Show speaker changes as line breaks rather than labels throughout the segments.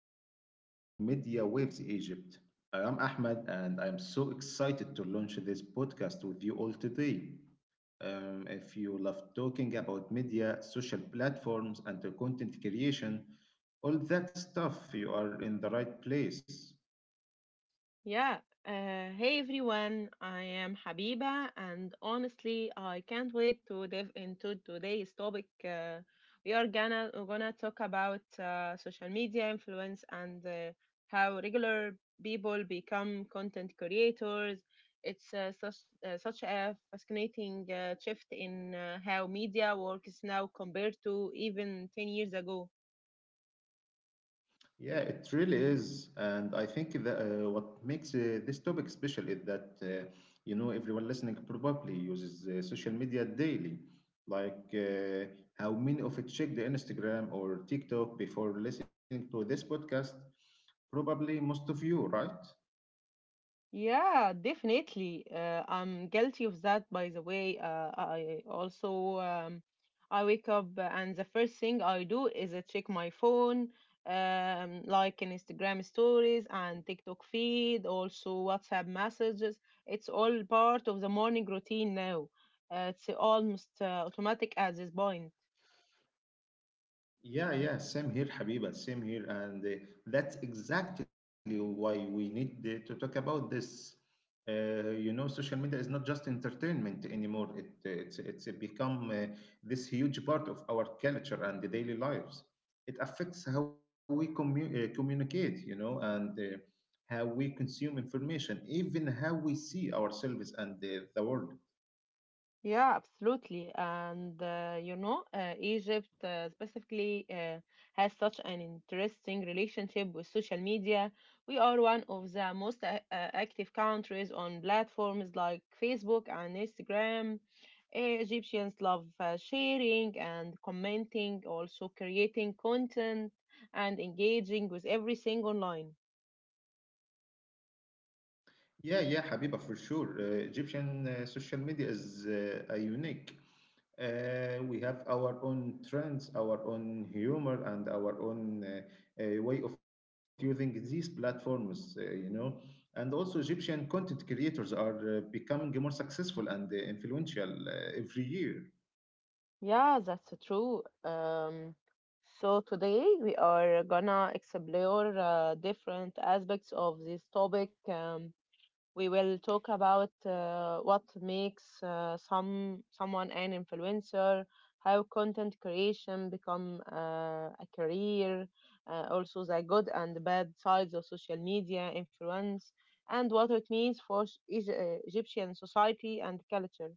and welcome to Media Waves Egypt. I am Ahmed, and I am so excited to launch this podcast with you all today. If you love talking about media, social platforms, and the content creation, all that stuff, you are in the right place.
Yeah. Hey everyone, I am Habiba, and honestly, I can't wait to dive into today's topic. We're gonna talk about social media influence and how regular people become content creators. It's such a fascinating shift in how media works now compared to even 10 years ago.
Yeah, it really is. And I think that what makes this topic special is that everyone listening probably uses social media daily. Like, how many of it check the Instagram or TikTok before listening to this podcast? Probably most of you, right?
Yeah, definitely. I'm guilty of that, by the way. I also I wake up and the first thing I do is I check my phone, like in Instagram stories and TikTok feed, also WhatsApp messages. It's all part of the morning routine now. It's almost automatic at this point.
Yeah, yeah, same here, Habiba, same here. And that's exactly why we need to talk about this. Social media is not just entertainment anymore. It's become this huge part of our culture and the daily lives. It affects how we communicate, and how we consume information, even how we see ourselves and the world.
Yeah, absolutely. And you know, Egypt specifically has such an interesting relationship with social media. We are one of the most active countries on platforms like Facebook and Instagram. Egyptians love sharing and commenting, also creating content and engaging with everything online.
Yeah, yeah, Habiba, for sure. Egyptian social media is a unique. We have our own trends, our own humor, and our own way of using these platforms, And also, Egyptian content creators are becoming more successful and influential every year.
Yeah, that's true. So today we are gonna explore different aspects of this topic. We will talk about what makes someone an influencer, how content creation become a career, also the good and bad sides of social media influence, and what it means for Egyptian society and culture.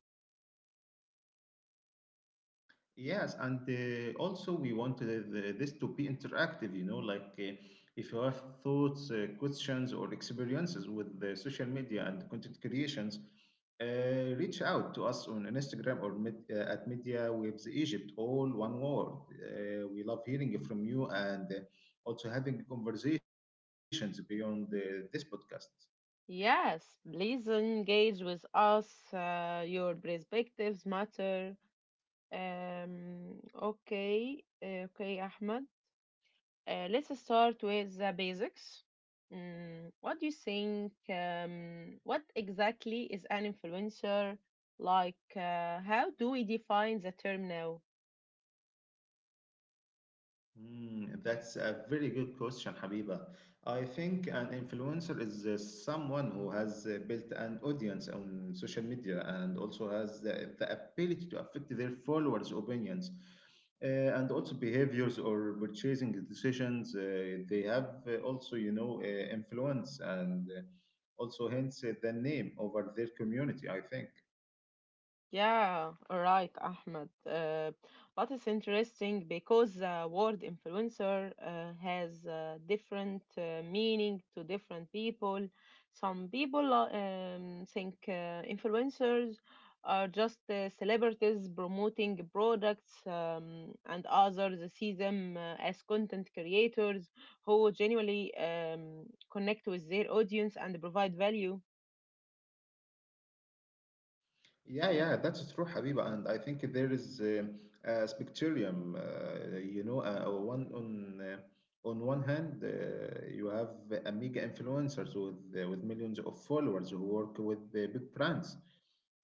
Yes, and also we want this to be interactive, like if you have thoughts, questions, or experiences with the social media and content creations, uh, reach out to us on Instagram or med at Media Waves Egypt, all one word. We love hearing from you and also having conversations beyond this podcast.
Yes, please engage with us. Your perspectives matter. Um, okay, Ahmed. Let's start with the basics. What do you think? What exactly is an influencer? How do we define the term now?
Mm, that's a very good question, Habiba. I think an influencer is someone who has built an audience on social media and also has the ability to affect their followers' opinions and also behaviors or purchasing decisions. They have influence and also hence the name over their community, I think.
Yeah, right, Ahmed. But it's interesting because the word influencer has different meaning to different people. Some people think influencers are just celebrities promoting products, and others see them as content creators who genuinely connect with their audience and provide value.
Yeah, yeah, that's true, Habiba. And I think there is a spectrum, one on one hand, you have mega influencers with with millions of followers who work with big brands.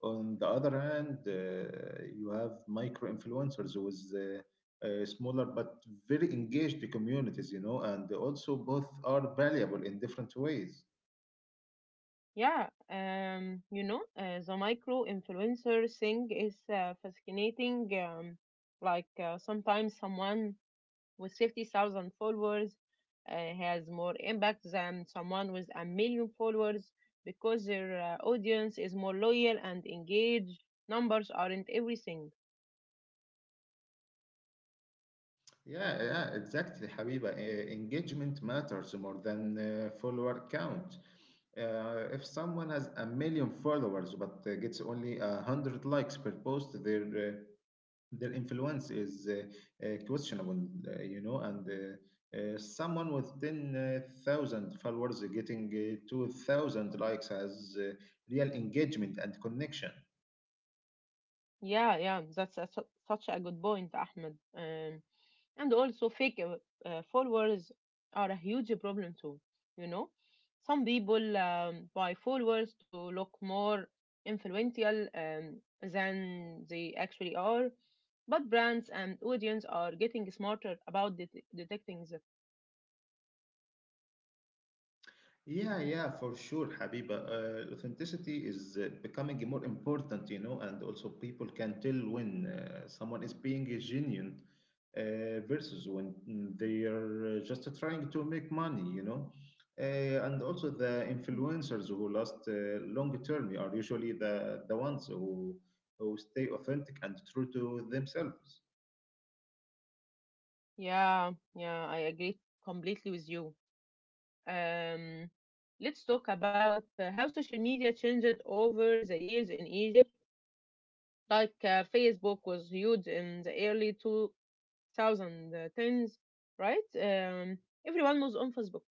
On the other hand, you have micro influencers with smaller but very engaged communities, and also both are valuable in different ways.
Yeah, you know, the micro influencer thing is fascinating. Sometimes someone with 50,000 followers has more impact than someone with a million followers because their audience is more loyal and engaged. Numbers aren't everything.
Yeah, yeah, exactly, Habiba. Engagement matters more than follower count. If someone has a million followers but gets only 100 likes per post, their influence is questionable, And someone with ten thousand followers getting 2,000 likes has real engagement and connection.
Yeah, yeah, such a good point, Ahmed. And also fake followers are a huge problem too, you know. Some people buy followers to look more influential than they actually are, but brands and audience are getting smarter about detecting that.
Yeah, yeah, for sure, Habiba. Authenticity is becoming more important, and also people can tell when someone is being genuine uh, versus when they are just trying to make money, And also the
Mm.
influencers who last long term are usually the ones who stay authentic and true to themselves.
Yeah, yeah, I agree completely with you. um, let's talk about how social media changed over the years in Egypt. Facebook was huge in the early two 2010s, right? Everyone was on Facebook.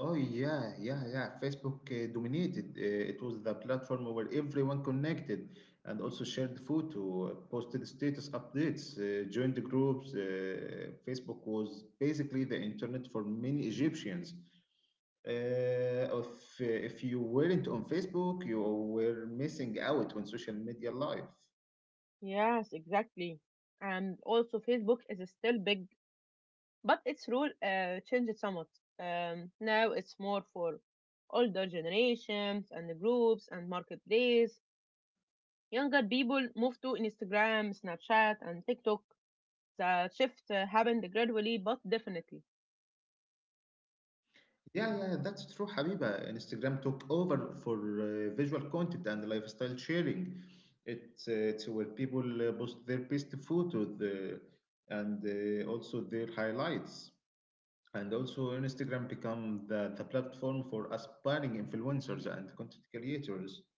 Oh yeah, yeah, yeah. Facebook dominated. It was the platform where everyone connected and also shared photo, posted status updates, joined the groups. Facebook was basically the internet for many Egyptians. Uh, if, if you weren't on Facebook, you were missing out on social media life.
Yes, exactly. And also, Facebook is still big, but its role changed somewhat. Now it's more for older generations and the groups and marketplace. Younger people move to Instagram, Snapchat, and TikTok. The shift happened gradually but definitely.
Yeah, yeah, yeah, that's true, Habiba. Instagram took over for visual content and lifestyle sharing. It's where people post their best photos and also their highlights. And also, Instagram become the platform for aspiring influencers and content creators.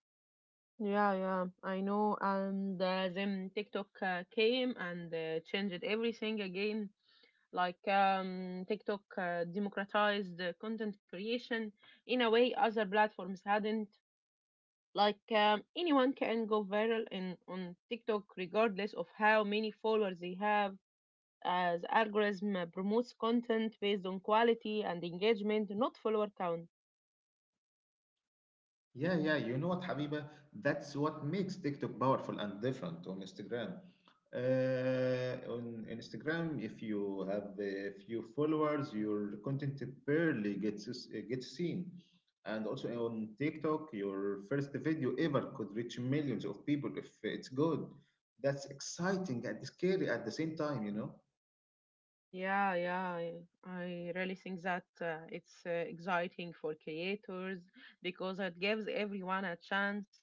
Yeah, yeah, I know. And then TikTok came and changed everything again. TikTok democratized content creation in a way other platforms hadn't. Anyone can go viral in on TikTok regardless of how many followers they have. As algorithm promotes content based on quality and engagement, not follower count.
Yeah, yeah, you know what, Habiba? That's what makes TikTok powerful and different on Instagram. On Instagram, if you have a few followers, your content barely gets seen. And also on TikTok, your first video ever could reach millions of people if it's good. That's exciting and scary at the same time, you know?
Yeah, yeah, yeah. I really think that it's exciting for creators because it gives everyone a chance.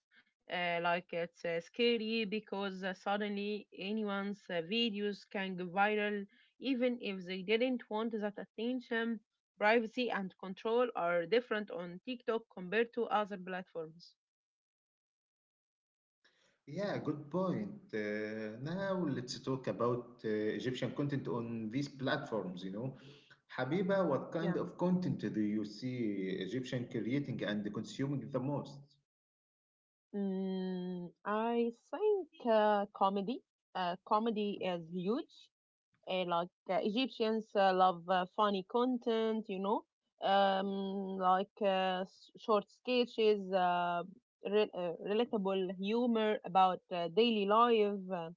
It's scary because suddenly anyone's videos can go viral, even if they didn't want that attention. Privacy and control are different on TikTok compared to other platforms.
Yeah, good point. Now let's talk about Egyptian content on these platforms. Habiba, what
Yeah.
kind of content do you see Egyptian creating and consuming the most?
I think comedy. Comedy is huge. Egyptians love funny content, you know, um, short sketches, relatable humor about daily life.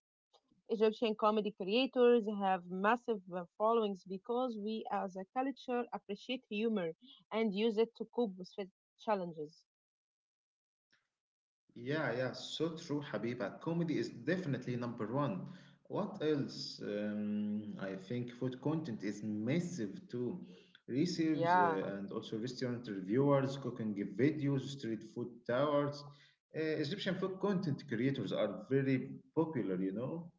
Egyptian comedy creators have massive followings because we as a culture appreciate humor and use it to cope with challenges.
Yeah, yeah, so true, Habiba. Comedy is definitely number one. What else? I think food content is massive too. Receives
Yeah.
and also restaurant reviewers, cooking videos, street food towers. Egyptian food content creators are very popular, you know?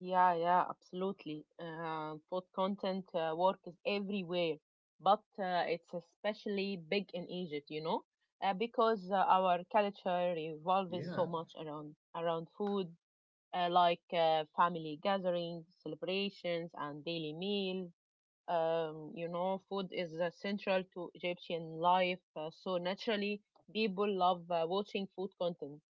Yeah, yeah, absolutely. Food content work is everywhere, but it's especially big in Egypt, you know, because our culture revolves
Yeah.
so much around food, family gatherings, celebrations, and daily meals. You know, food is central to Egyptian life, so naturally people love watching food content.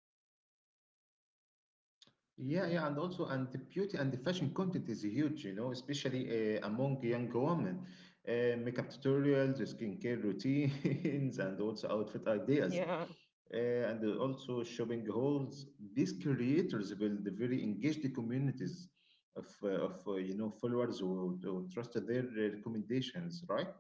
Yeah, yeah, and also and the beauty and the fashion content is huge, especially among young women. Makeup tutorials, skincare routines, and also outfit ideas,
Yeah.
and also shopping hauls. These creators build the very engaged communities of followers who trust their recommendations, right?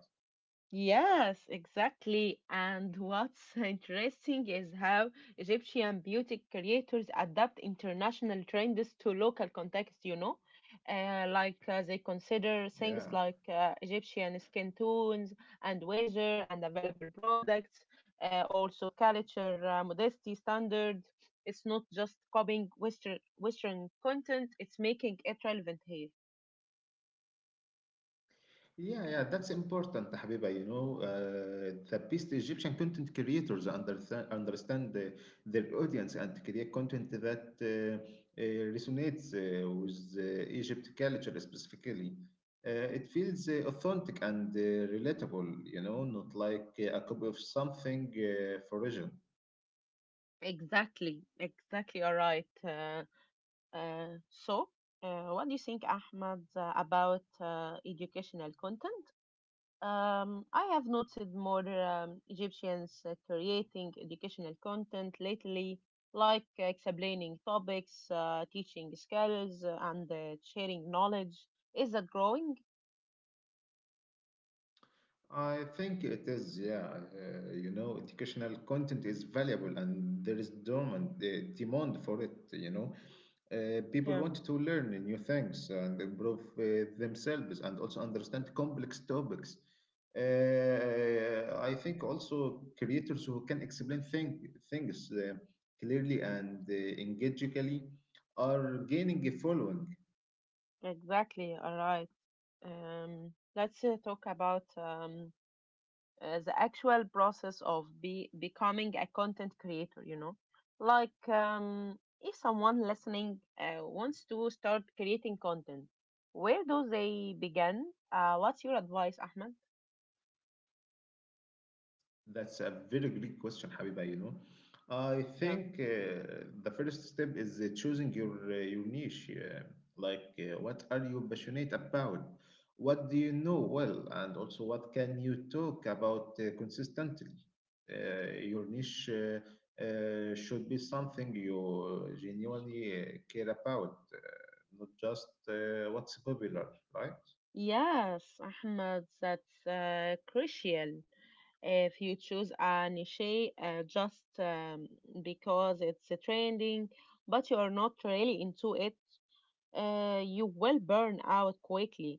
Yes, exactly. And what's interesting is how Egyptian beauty creators adapt international trends to local context, you know, they consider things
Yeah.
like Egyptian skin tones and weather and available products, also culture, modesty standard. It's not just copying Western content, it's making it relevant here.
Yeah, yeah, that's important, Habiba. The best Egyptian content creators understand their audience and create content that uh, resonates with Egypt culture specifically. Uh, it feels authentic and relatable. Not like a copy of something foreign.
Exactly, exactly. All right. Uh, so, what do you think, Ahmad, about educational content? I have noticed more Egyptians creating educational content lately, explaining topics, teaching skills, and sharing knowledge. Is that growing?
I think it is, yeah. Educational content is valuable and there is dormant demand for it, People
Yeah,
want to learn new things and improve themselves and also understand complex topics. I think also creators who can explain things clearly and engagingly are gaining a following.
exactly. All right. Let's talk about the actual process of becoming a content creator, you know. If someone listening wants to start creating content, where do they begin? What's your advice, Ahmed?
That's a very great question, Habiba. I
Yeah,
think the first step is choosing your niche. Like, what are you passionate about? What do you know well, and also what can you talk about consistently? Your niche should be something you genuinely care about, not just what's popular, right?
yes, Ahmed, that's crucial. If you choose a niche just because it's trending but you are not really into it, you will burn out quickly,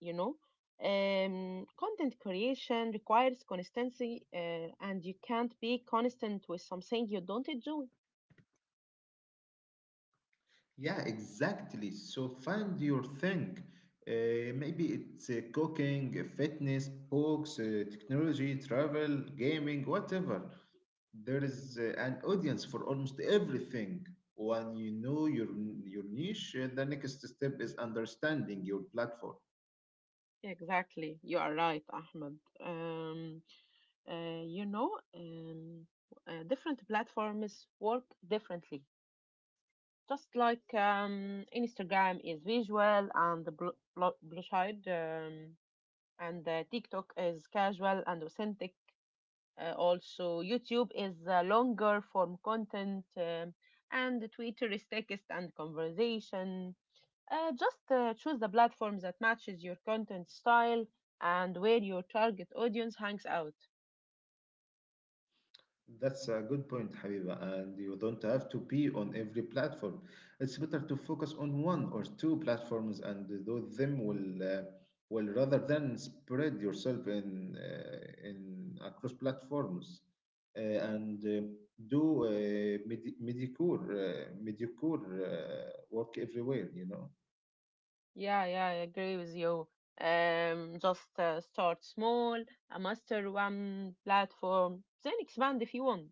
you know. Content creation requires consistency, and you can't be constant with something you don't enjoy.
Yeah, exactly. So find your thing. Maybe it's cooking, fitness, books, technology, travel, gaming, whatever. There is an audience for almost everything. When you know your niche, the next step is understanding your platform.
Exactly, you are right, Ahmed. um, you know, um, different platforms work differently. Just like Instagram is visual and the blue side, and TikTok is casual and authentic. Also, YouTube is longer form content, and Twitter is text and conversation. Just choose the platform that matches your content style and where your target audience hangs out.
That's a good point, Habiba, and you don't have to be on every platform. It's better to focus on one or two platforms and do them well rather than spread yourself in across platforms and do mediocre work everywhere.
Yeah, yeah, I agree with you. Just start small, master one platform, then expand if you want.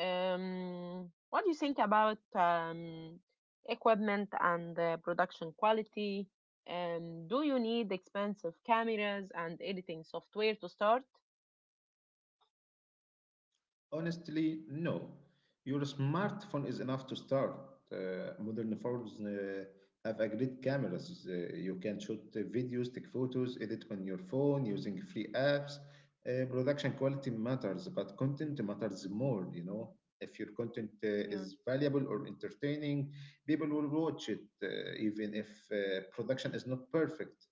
What do you think about equipment and production quality? Do you need expensive cameras and editing software to start?
Honestly, no. Your smartphone is enough to start. Modern phones have a great cameras. You can shoot videos, take photos, edit on your phone using free apps. Production quality matters, but content matters more, If your content
Yeah,
is valuable or entertaining, people will watch it, even if production is not perfect.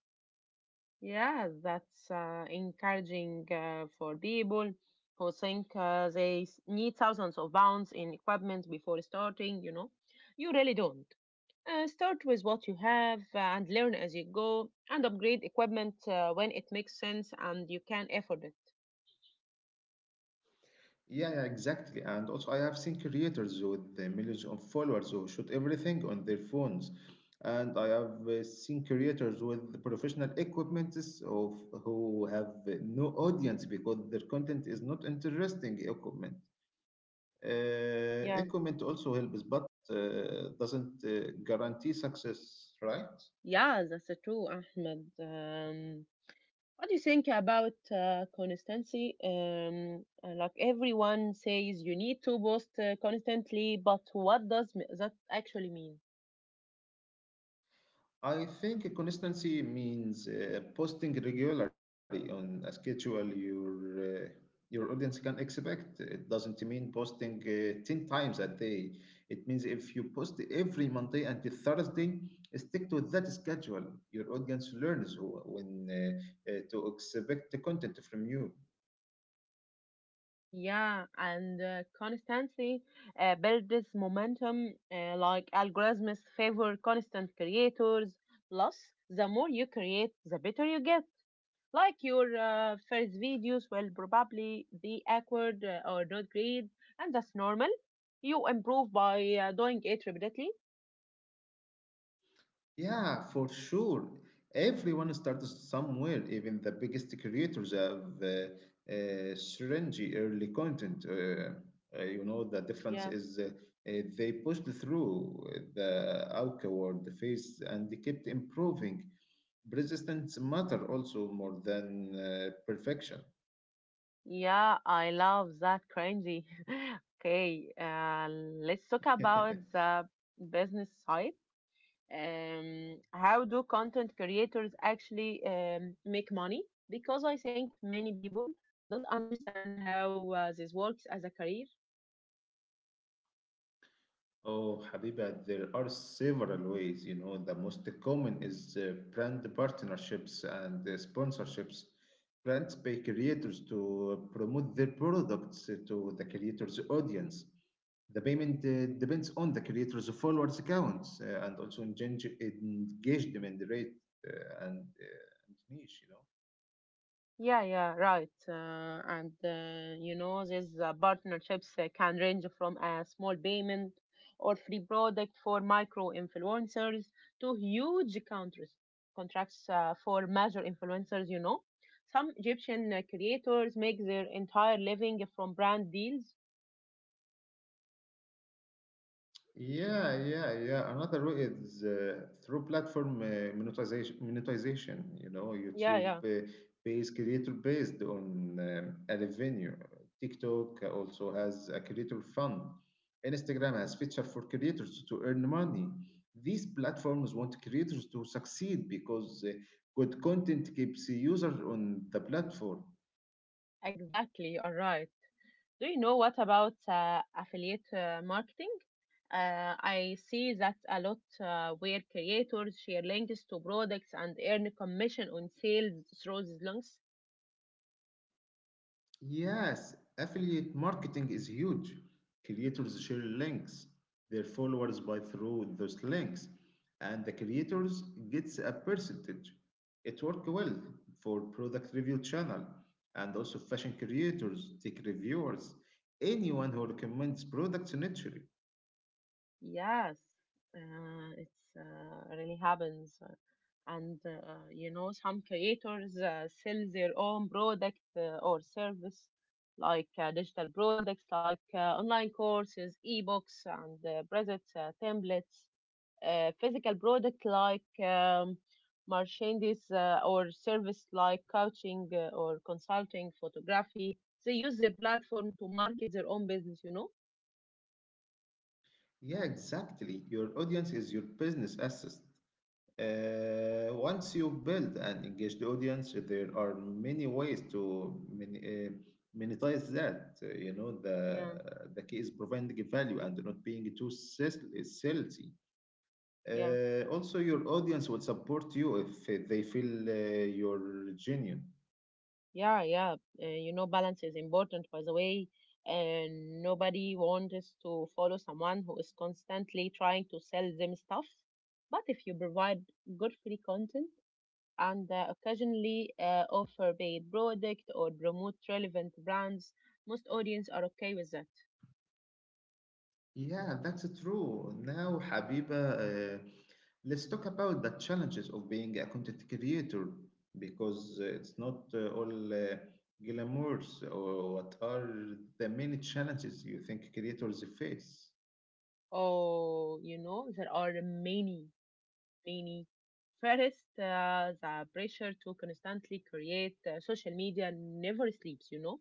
yeah, that's encouraging for people who think they need thousands of pounds in equipment before starting. You know, you really don't. Start with what you have and learn as you go, and upgrade equipment when it makes sense and you can afford it.
Yeah, yeah, exactly. And also, I have seen creators with the millions of followers who shoot everything on their phones. And I have seen creators with professional equipments of who have no audience because their content is not interesting equipment.
Yeah,
Equipment also helps, but doesn't guarantee success, right?
yeah, that's true, Ahmed. What do you think about consistency? Like everyone says, you need to post constantly, but what does that actually mean?
I think consistency means posting regularly on a schedule uh, your audience can expect. It doesn't mean posting 10 times a day. It means if you post every Monday and the Thursday, stick to that schedule. Your audience learns when to expect the content from you.
Yeah, and consistency builds momentum. Algorithms favor constant creators. Plus, the more you create, the better you get. Like your first videos will probably be awkward or not great, and that's normal. You improve by doing it repeatedly.
Yeah, for sure. Everyone starts somewhere. Even the biggest creators have syringy early content. The difference
Yeah,
is they pushed through the awkward phase and they kept improving. Persistence matter also more than perfection.
yeah, I love that cringy. Okay, let's talk about the business side. How do content creators actually make money? Because I think many people don't understand how this works as a career.
Oh, Habiba, there are several ways. The most common is brand partnerships and sponsorships. Brands pay creators to promote their products to the creator's audience. The payment depends on the creator's followers accounts and also engagement rate and niche,
Yeah, yeah, right. And you know, these partnerships can range from a small payment or free product for micro influencers to huge countries contracts for major influencers. You know, some Egyptian creators make their entire living from brand deals.
Yeah, yeah, yeah. Another way is through platform monetization,
Yeah,
YouTube
yeah,
based creator based on a revenue. TikTok also has a creator fund. Instagram has feature for creators to earn money. These platforms want creators to succeed because good content keeps the user on the platform.
exactly. All right. Do you know what about affiliate marketing? I see that a lot where creators share links to products and earn commission on sales through these links.
Yes, affiliate marketing is huge. Creators share links, their followers buy through those links, and the creators gets a percentage. It worked well for product review channel and also fashion creators, tech reviewers, anyone who recommends products naturally.
Yes, it's really happens. And you know, some creators sell their own product or service, like digital products, like online courses, ebooks, and presets, templates. Physical product like merchandise or service like coaching or consulting, photography. They use their platform to market their own business, you know?
Yeah, exactly. Your audience is your business asset. Once you build an engaged audience, there are many ways to monetize that. The
Yeah,
key is providing value and not being too salesy.
yeah,
Also, your audience will support you if they feel you're genuine.
yeah, yeah. You know, balance is important, by the way. And nobody wants to follow someone who is constantly trying to sell them stuff. But if you provide good free content, and occasionally offer paid product or promote relevant brands, most audience are okay with that.
Yeah, that's true. Now, Habiba, let's talk about the challenges of being a content creator because it's not all glamours. Or what are the many challenges you think creators face?
Oh, you know, there are many. First, the pressure to constantly create social media never sleeps, you know.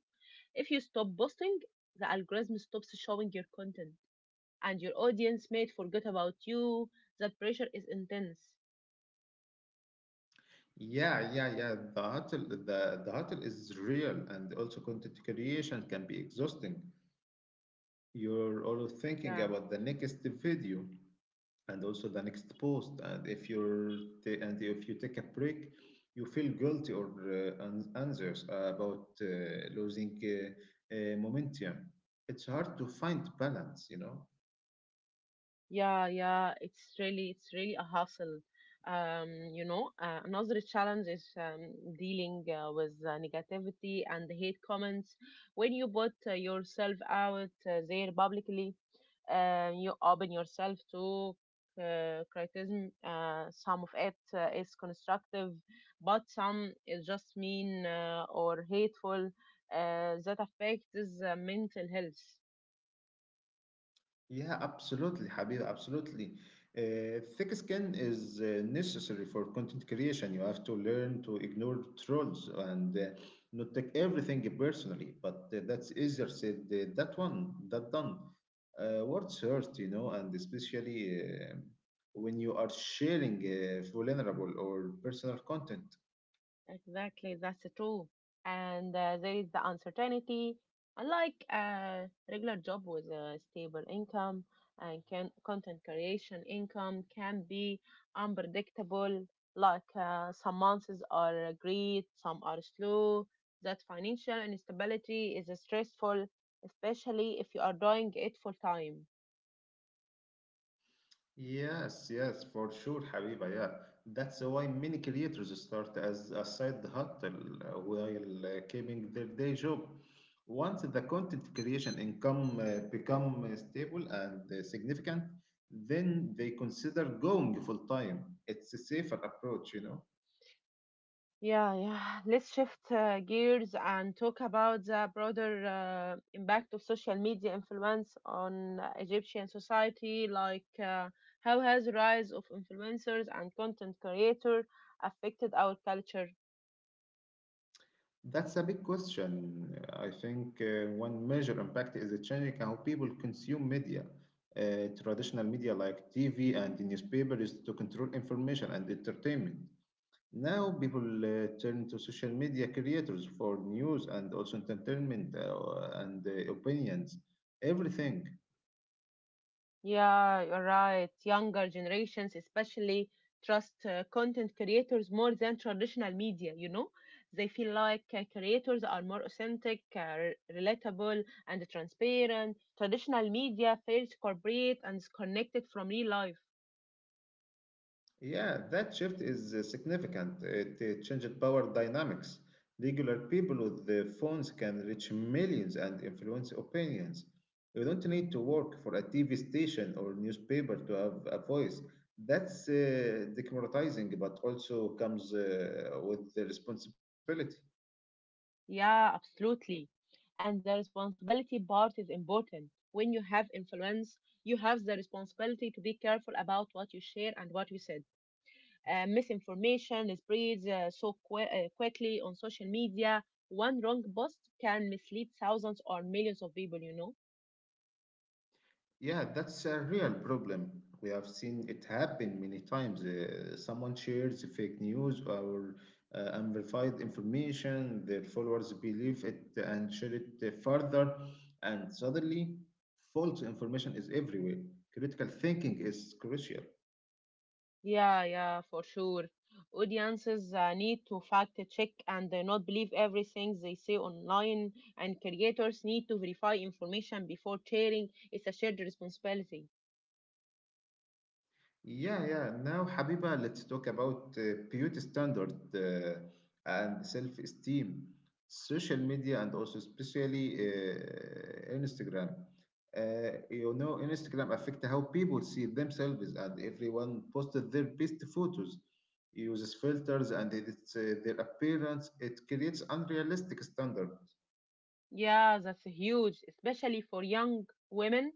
If you stop posting, the algorithm stops showing your content and your audience may forget about you. That pressure is intense.
Yeah, yeah, yeah. The hustle, the hustle is real, and also content creation can be exhausting. You're always thinking
Yeah.
about the next video, and also the next post, and if you take a break you feel guilty or anxious about losing momentum. It's hard to find balance, you know.
Yeah, yeah, it's really a hustle. You know, another challenge is dealing with negativity and hate comments. When you put yourself out there publicly, you open yourself to criticism. Some of it is constructive, but some is just mean or hateful. That affects mental health.
Yeah, absolutely, Habib, absolutely. Thick skin is necessary for content creation. You have to learn to ignore trolls and not take everything personally. But that's easier said that done. Words hurt, you know, and especially when you are sharing vulnerable or personal content.
Exactly, that's true. And there is the uncertainty. Unlike a regular job with a stable income, content creation income can be unpredictable. Like some months are great, some are slow. That financial instability is stressful, especially if you are doing it full time.
Yes, yes, for sure, Habiba. Yeah, that's why many creators start as a side hustle while keeping their day job. Once the content creation income become stable and significant, then they consider going full time. It's a safer approach, you know.
Yeah, yeah. Let's shift gears and talk about the broader impact of social media influence on Egyptian society. Like, how has the rise of influencers and content creators affected our culture?
That's a big question. I think one major impact is changing how people consume media. Traditional media like TV and the newspaper is to control information and entertainment. Now people turn to social media creators for news and also entertainment and opinions, everything.
Yeah, you're right. Younger generations especially trust content creators more than traditional media, you know? They feel like creators are more authentic, relatable, and transparent. Traditional media fails to corporate and is connected from real life.
Yeah, that shift is significant. It changed power dynamics. Regular people with their phones can reach millions and influence opinions. You don't need to work for a TV station or newspaper to have a voice. That's democratizing, but also comes with the responsibility.
Yeah, absolutely. And the responsibility part is important. When you have influence, you have the responsibility to be careful about what you share and what you said. Misinformation spreads so qu quickly on social media. One wrong post can mislead thousands or millions of people, you know.
Yeah, that's a real problem. We have seen it happen many times. Someone shares fake news or unverified information, their followers believe it and share it further, and suddenly false information is everywhere. Critical thinking is crucial.
Yeah, yeah, for sure. Audiences need to fact check and not believe everything they see online, and creators need to verify information before sharing. It's a shared responsibility.
Yeah, yeah. Now, Habiba, let's talk about beauty standard and self-esteem, social media, and also especially Instagram. You know, Instagram affect how people see themselves, and everyone posted their best photos, uses filters, and it's their appearance. It creates unrealistic standard.
Yeah, that's huge, especially for young women.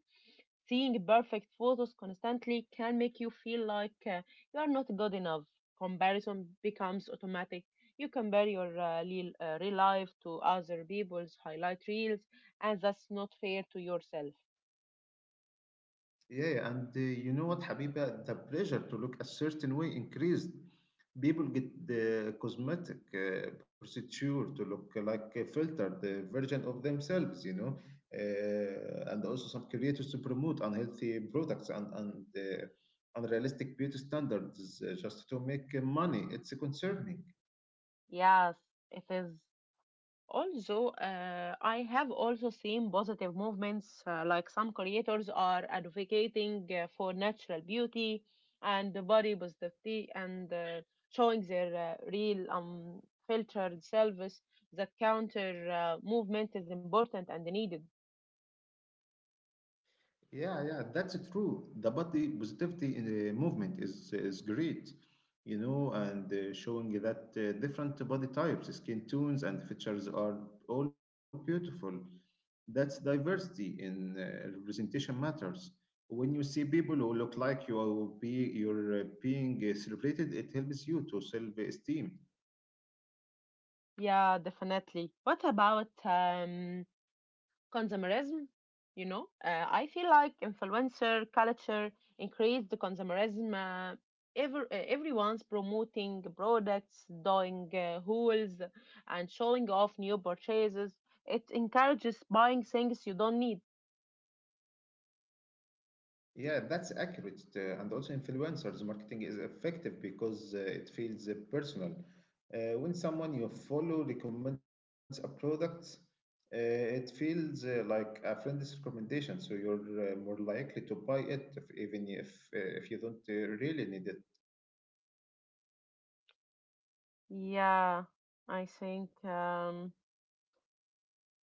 Seeing perfect photos constantly can make you feel like you are not good enough. Comparison becomes automatic. You compare your real life to other people's highlight reels, and that's not fair to yourself.
Yeah, yeah, and you know what, Habiba? The pressure to look a certain way increased. People get the cosmetic procedure to look like a filtered version of themselves, you know. And also, some creators to promote unhealthy products and unrealistic beauty standards just to make money. It's concerning.
Yes, it is. Also, I have also seen positive movements, like some creators are advocating for natural beauty and the body positivity and showing their real, filtered selves. That counter movement is important and needed.
Yeah, yeah, that's true. The body positivity in the movement is great, you know, and showing that different body types, skin tones, and features are all beautiful. That's diversity in representation matters. When you see people who look like you are be you're being celebrated, it helps you to self-esteem.
Yeah, definitely. What about consumerism. You know, I feel like influencer culture increased the consumerism, everyone's promoting products, doing hauls and showing off new purchases. It encourages buying things you don't need.
Yeah, that's accurate. And also, influencers marketing is effective because it feels personal. When someone you follow recommends a product, it feels like a friend's recommendation. So you're more likely to buy it, if, even if you don't really need it.
Yeah, I think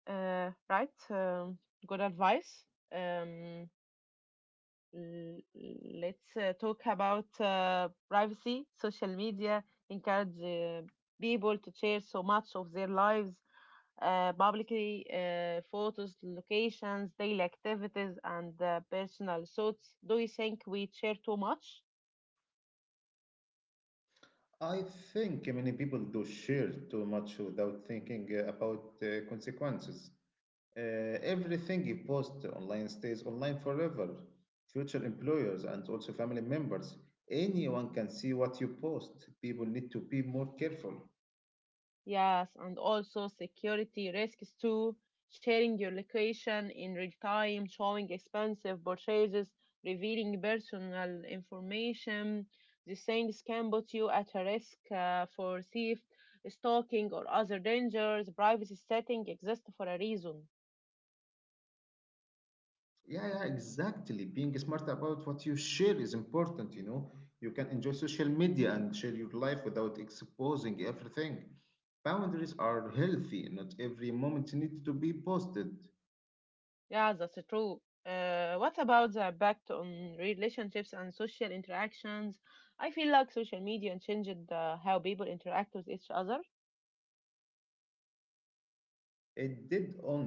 right good advice. um, l- let's talk about privacy. Social media encourage people to share so much of their lives publicly, photos, locations, daily activities, and personal thoughts. Do you think we share too much?
I think many people do share too much without thinking about the consequences. Uh, Everything you post online stays online forever. Future employers and also family members, anyone can see what you post. People need to be more careful.
Yes, and also security risks too. Sharing your location in real time, showing expensive purchases, revealing personal information. These things can put you at a risk for theft, stalking, or other dangers. Privacy setting exists for a reason.
Yeah, yeah, exactly. Being smart about what you share is important, you know. You can enjoy social media and share your life without exposing everything. Boundaries are healthy, not every moment needs to be posted.
Yeah, that's true. What about the impact on relationships and social interactions? I feel like social media changed how people interact with each other.
It did. On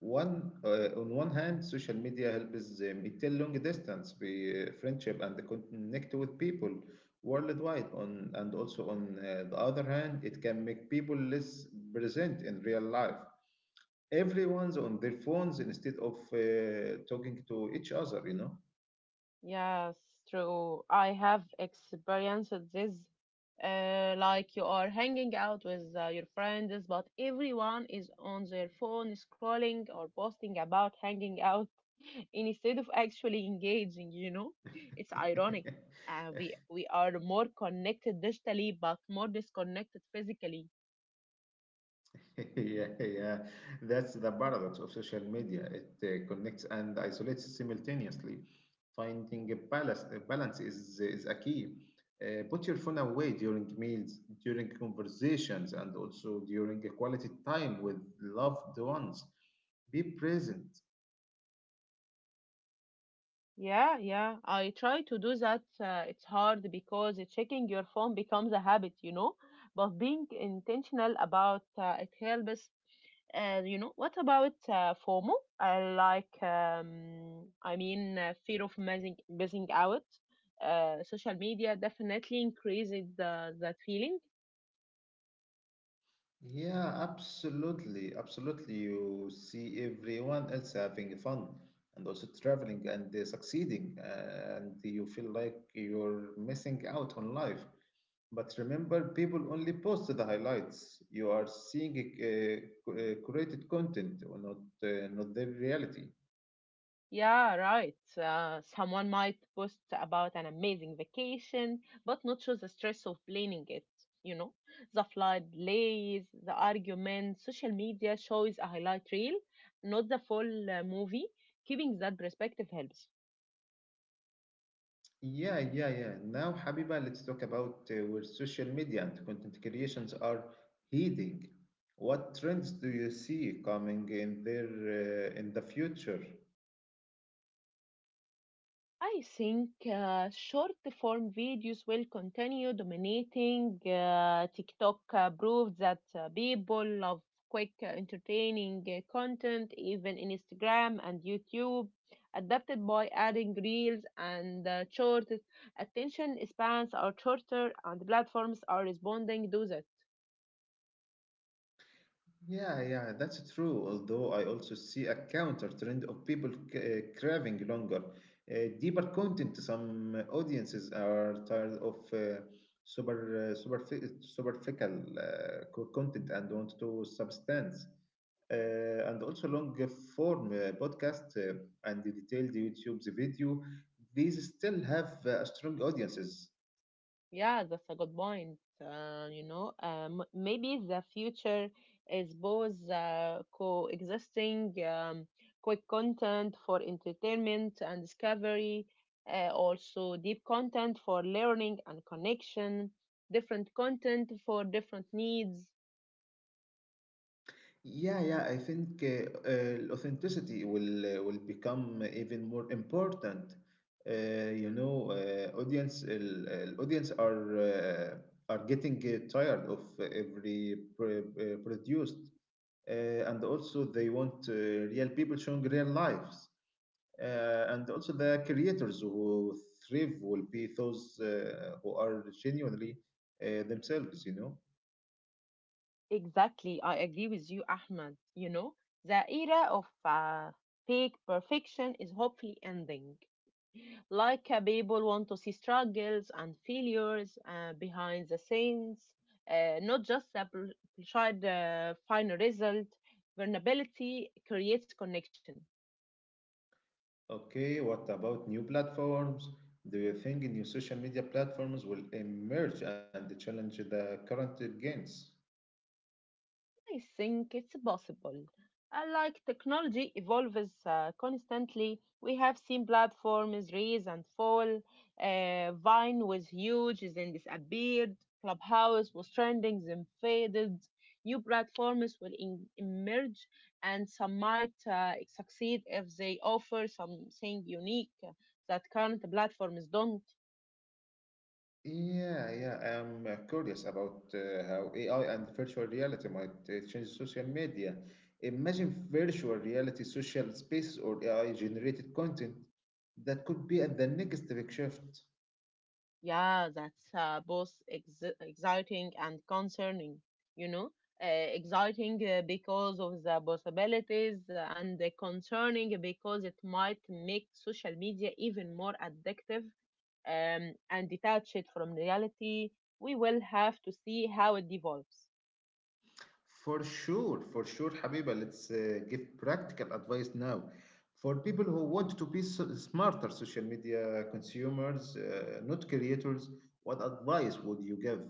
one on one hand, social media helps me tell long distance friendship and connect with people worldwide. On and Also on the other hand, it can make people less present in real life. Everyone's on their phones instead of talking to each other. You know.
Yes, true. I have experienced this. Like you are hanging out with your friends, but everyone is on their phone scrolling or posting about hanging out instead of actually engaging, you know? It's ironic. We are more connected digitally, but more disconnected physically.
Yeah, yeah. That's the paradox of social media. It connects and isolates simultaneously. Finding a balance is a key. Put your phone away during meals, during conversations, and also during a quality time with loved ones. Be present.
Yeah, yeah. I try to do that. It's hard because checking your phone becomes a habit, you know. But being intentional about it helps. You know, what about FOMO? I like, I mean, Fear of missing out. Social media definitely increases that feeling.
Yeah, absolutely. Absolutely. You see everyone else having fun and also traveling and succeeding, and you feel like you're missing out on life. But remember, people only post the highlights. You are seeing curated content, or not not the reality.
Yeah, right. Someone might post about an amazing vacation, but not show the stress of planning it. You know, the flight delays, the arguments. Social media shows a highlight reel, not the full movie. Keeping that perspective helps.
Yeah, yeah, yeah. Now, Habiba, let's talk about where social media and content creations are heading. What trends do you see coming in there in the future?
I think short form videos will continue dominating. TikTok proved that people love quick, entertaining content. Even Instagram and YouTube adapted by adding reels and shorts. Attention spans are shorter, and platforms are responding to that.
Yeah, yeah, that's true. Although I also see a counter trend of people craving longer, deeper content. Some audiences are tired of superficial content and want to substance. And also long form podcast and the detailed YouTube's video. These still have strong audiences.
Yeah, that's a good point. You know, maybe the future is both coexisting. Quick content for entertainment and discovery, also deep content for learning and connection, different content for different needs.
Yeah, yeah, I think authenticity will become even more important. You know, audience are getting tired of every produced, and also they want real people showing real lives, and also the creators who thrive will be those who are genuinely themselves. You know.
Exactly, I agree with you, Ahmed. You know, the era of fake perfection is hopefully ending. Like people want to see struggles and failures behind the scenes, not just a tried final result. Vulnerability creates connection.
Okay, what about new platforms? Do you think new social media platforms will emerge and challenge the current gains?
I think it's possible. Like technology evolves constantly, we have seen platforms rise and fall. Vine was huge, then disappeared. Clubhouse was trending, then faded. New platforms will emerge, and some might succeed if they offer something unique that current platforms don't.
Yeah, yeah, I am curious about how AI and virtual reality might change social media. Imagine virtual reality, social spaces, or AI generated content that could be at the next big shift.
Yeah, that's both exciting and concerning, you know. Uh, Exciting because of the possibilities, and concerning because it might make social media even more addictive and detach it from reality. We will have to see how it develops.
For sure, Habiba. Let's give practical advice now. For people who want to be smarter social media consumers, not creators, what advice would you give?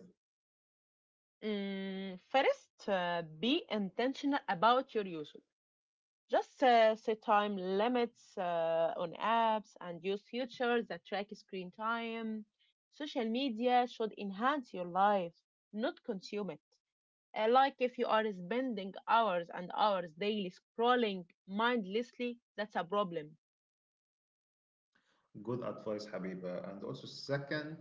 Mm, first, be intentional about your use. Just set time limits on apps and use features that track screen time. Social media should enhance your life, not consume it. Like if you are spending hours and hours daily scrolling mindlessly, that's a problem.
Good advice, Habiba. And also, second,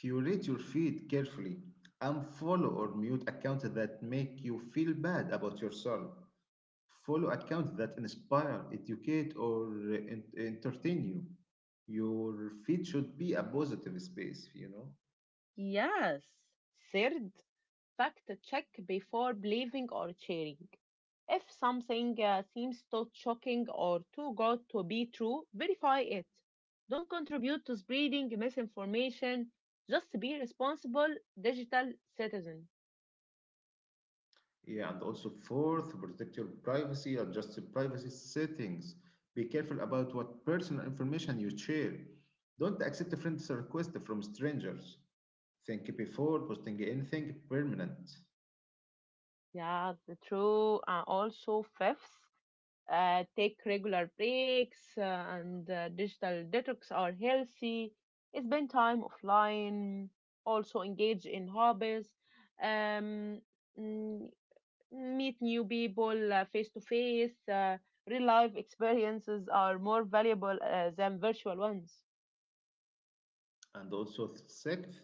curate your feed carefully. Unfollow or mute accounts that make you feel bad about yourself. Follow accounts that inspire, educate, or entertain you. Your feed should be a positive space, you know?
Yes. Third, fact check before believing or sharing. If something seems too shocking or too good to be true, verify it. Don't contribute to spreading misinformation. Just be responsible digital citizen.
Yeah, and also fourth, protect your privacy, adjust your privacy settings. Be careful about what personal information you share. Don't accept a friends' requests from strangers. Think before posting anything permanent.
Yeah, the true. Also, fifth, take regular breaks and digital detox are healthy. Spend time offline. Also, engage in hobbies. Um, mm, Meet new people face to face. Real life experiences are more valuable than virtual ones.
And also sixth,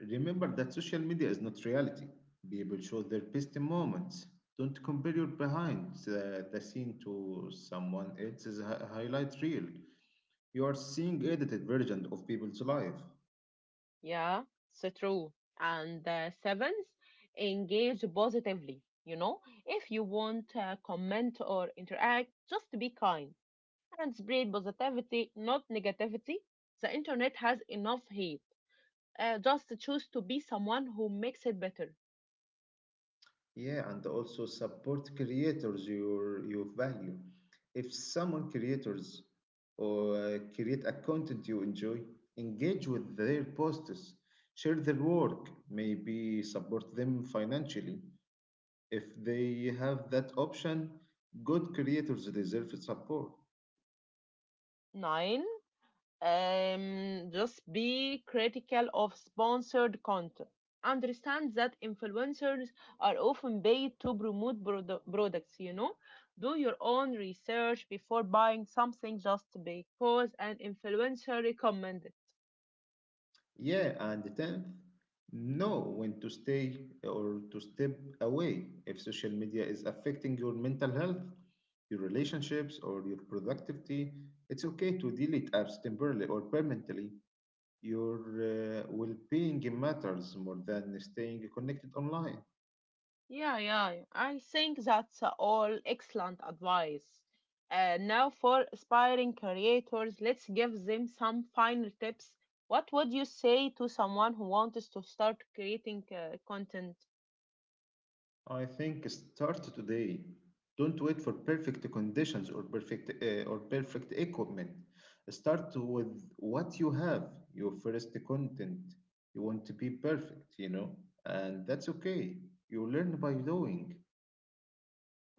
remember that social media is not reality. People show their best moments. Don't compare your behind the scene to someone else's highlight reel. You are seeing edited version of people's life.
Yeah, so true. And seventh, engage positively. You know, if you want comment or interact, just be kind and spread positivity, not negativity. The internet has enough hate. Just choose to be someone who makes it better.
Yeah, and also support creators your value. If someone creators or create a content you enjoy, engage with their posts, share their work, maybe support them financially. If they have that option, good creators deserve support.
Nine, just be critical of sponsored content. Understand that influencers are often paid to promote products, you know. Do your own research before buying something just because an influencer recommended.
Yeah, and the tenth, know when to stay or to step away if social media is affecting your mental health, your relationships, or your productivity. It's okay to delete apps temporarily or permanently. Your well being matters more than staying connected online.
Yeah, yeah. I think that's all excellent advice. Now, for aspiring creators, let's give them some final tips. What would you say to someone who wants to start creating content?
I think start today. Don't wait for perfect conditions or perfect equipment. Start with what you have, your first content. You want to be perfect, you know, and that's okay. You learn by doing.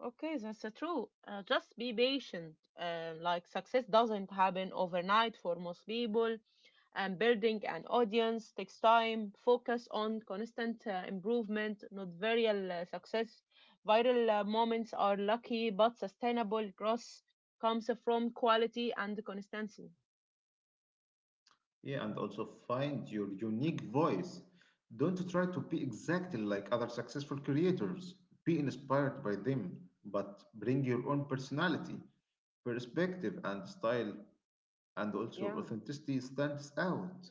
Okay, that's true. Just be patient. Like success doesn't happen overnight for most people, and building an audience takes time. Focus on constant improvement, not viral success. Viral moments are lucky, but sustainable growth comes from quality and consistency.
Yeah, and also find your unique voice. Don't try to be exactly like other successful creators. Be inspired by them, but bring your own personality, perspective, and style, and also
Yeah.
authenticity stands out.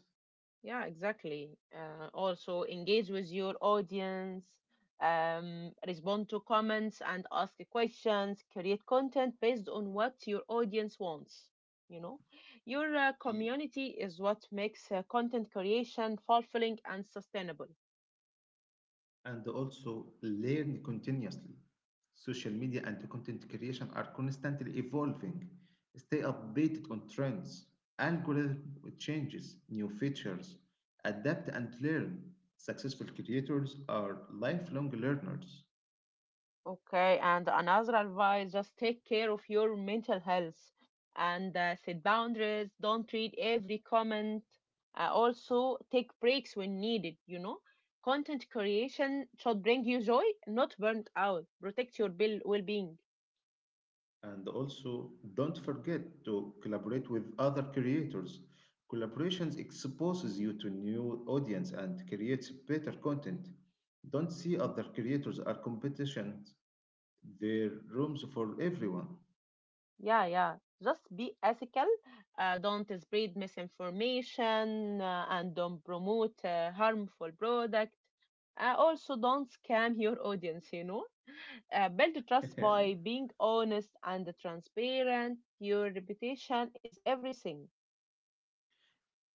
Yeah, exactly. Also, engage with your audience, respond to comments and ask questions, create content based on what your audience wants. You know, your
E-
community is what makes content creation fulfilling and sustainable.
and also learn continuously. Social media and content creation are constantly evolving. Stay updated on trends, algorithm changes, new features. Adapt and learn. Successful creators are lifelong learners.
Okay, and another advice, just take care of your mental health and set boundaries. Don't read every comment. Also, take breaks when needed. You know, content creation should bring you joy, not burnt out. Protect your bill well being.
And also, don't forget to collaborate with other creators. Collaborations exposes you to new audience and creates better content. Don't see other creators are competitions. There are rooms for everyone.
Yeah, yeah. Just be ethical. Don't spread misinformation and don't promote harmful product. Also, don't scam your audience, you know. Build trust by being honest and transparent. Your reputation is everything.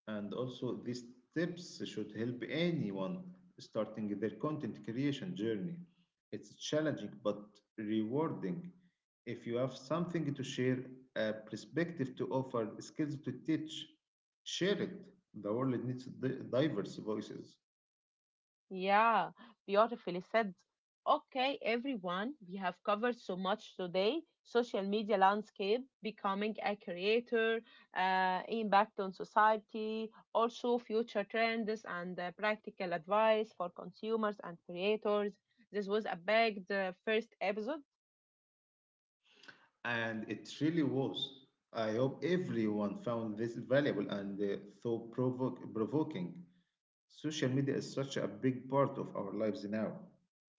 And also, these tips should help anyone starting their content creation journey. It's challenging but rewarding. If you have something to share, a perspective to offer, skills to teach, share it. The world needs diverse voices.
Yeah, beautifully said. Okay, everyone, we have covered so much today. Social media landscape, becoming a creator, impact on society, also future trends and practical advice for consumers and creators. This was a big first episode.
And it really was. I hope everyone found this valuable and provoking. Social media is such a big part of our lives now,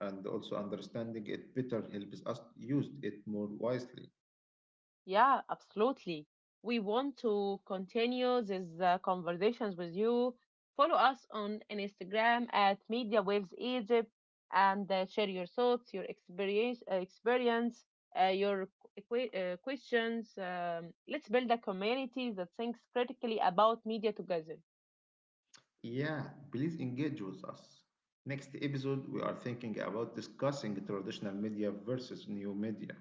and also understanding it better helps us use it more wisely.
Yeah, absolutely. We want to continue these conversations with you. Follow us on Instagram at Media Waves Egypt and share your thoughts, your experience, your questions. Let's build a community that thinks critically about media together.
Yeah, please engage with us. Next episode, we are thinking about discussing traditional media versus new media,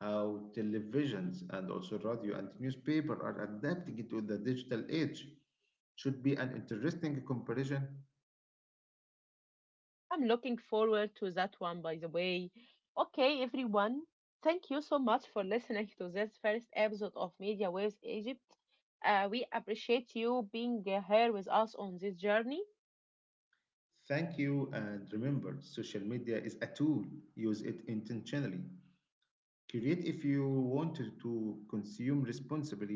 how televisions and also radio and newspaper are adapting to the digital age. Should be an interesting comparison.
I'm looking forward to that one, by the way. Okay, everyone, thank you so much for listening to this first episode of Media Waves Egypt. We appreciate you being here with us on this journey.
Thank you, and remember, social media is a tool. Use it intentionally. Create if you want to consume responsibly,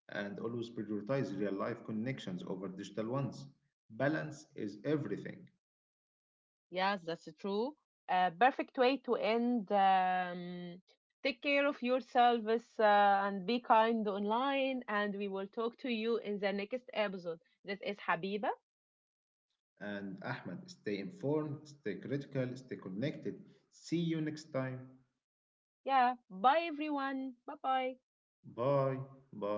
and always prioritize real life connections over digital ones. Balance is everything.
Yes, that's true. Perfect way to end. Take care of yourselves and be kind online, and we will talk to you in the next episode. This is Habiba.
And Ahmed, stay informed, stay critical, stay connected. See you next time.
Yeah, bye everyone. Bye bye.
Bye. Bye.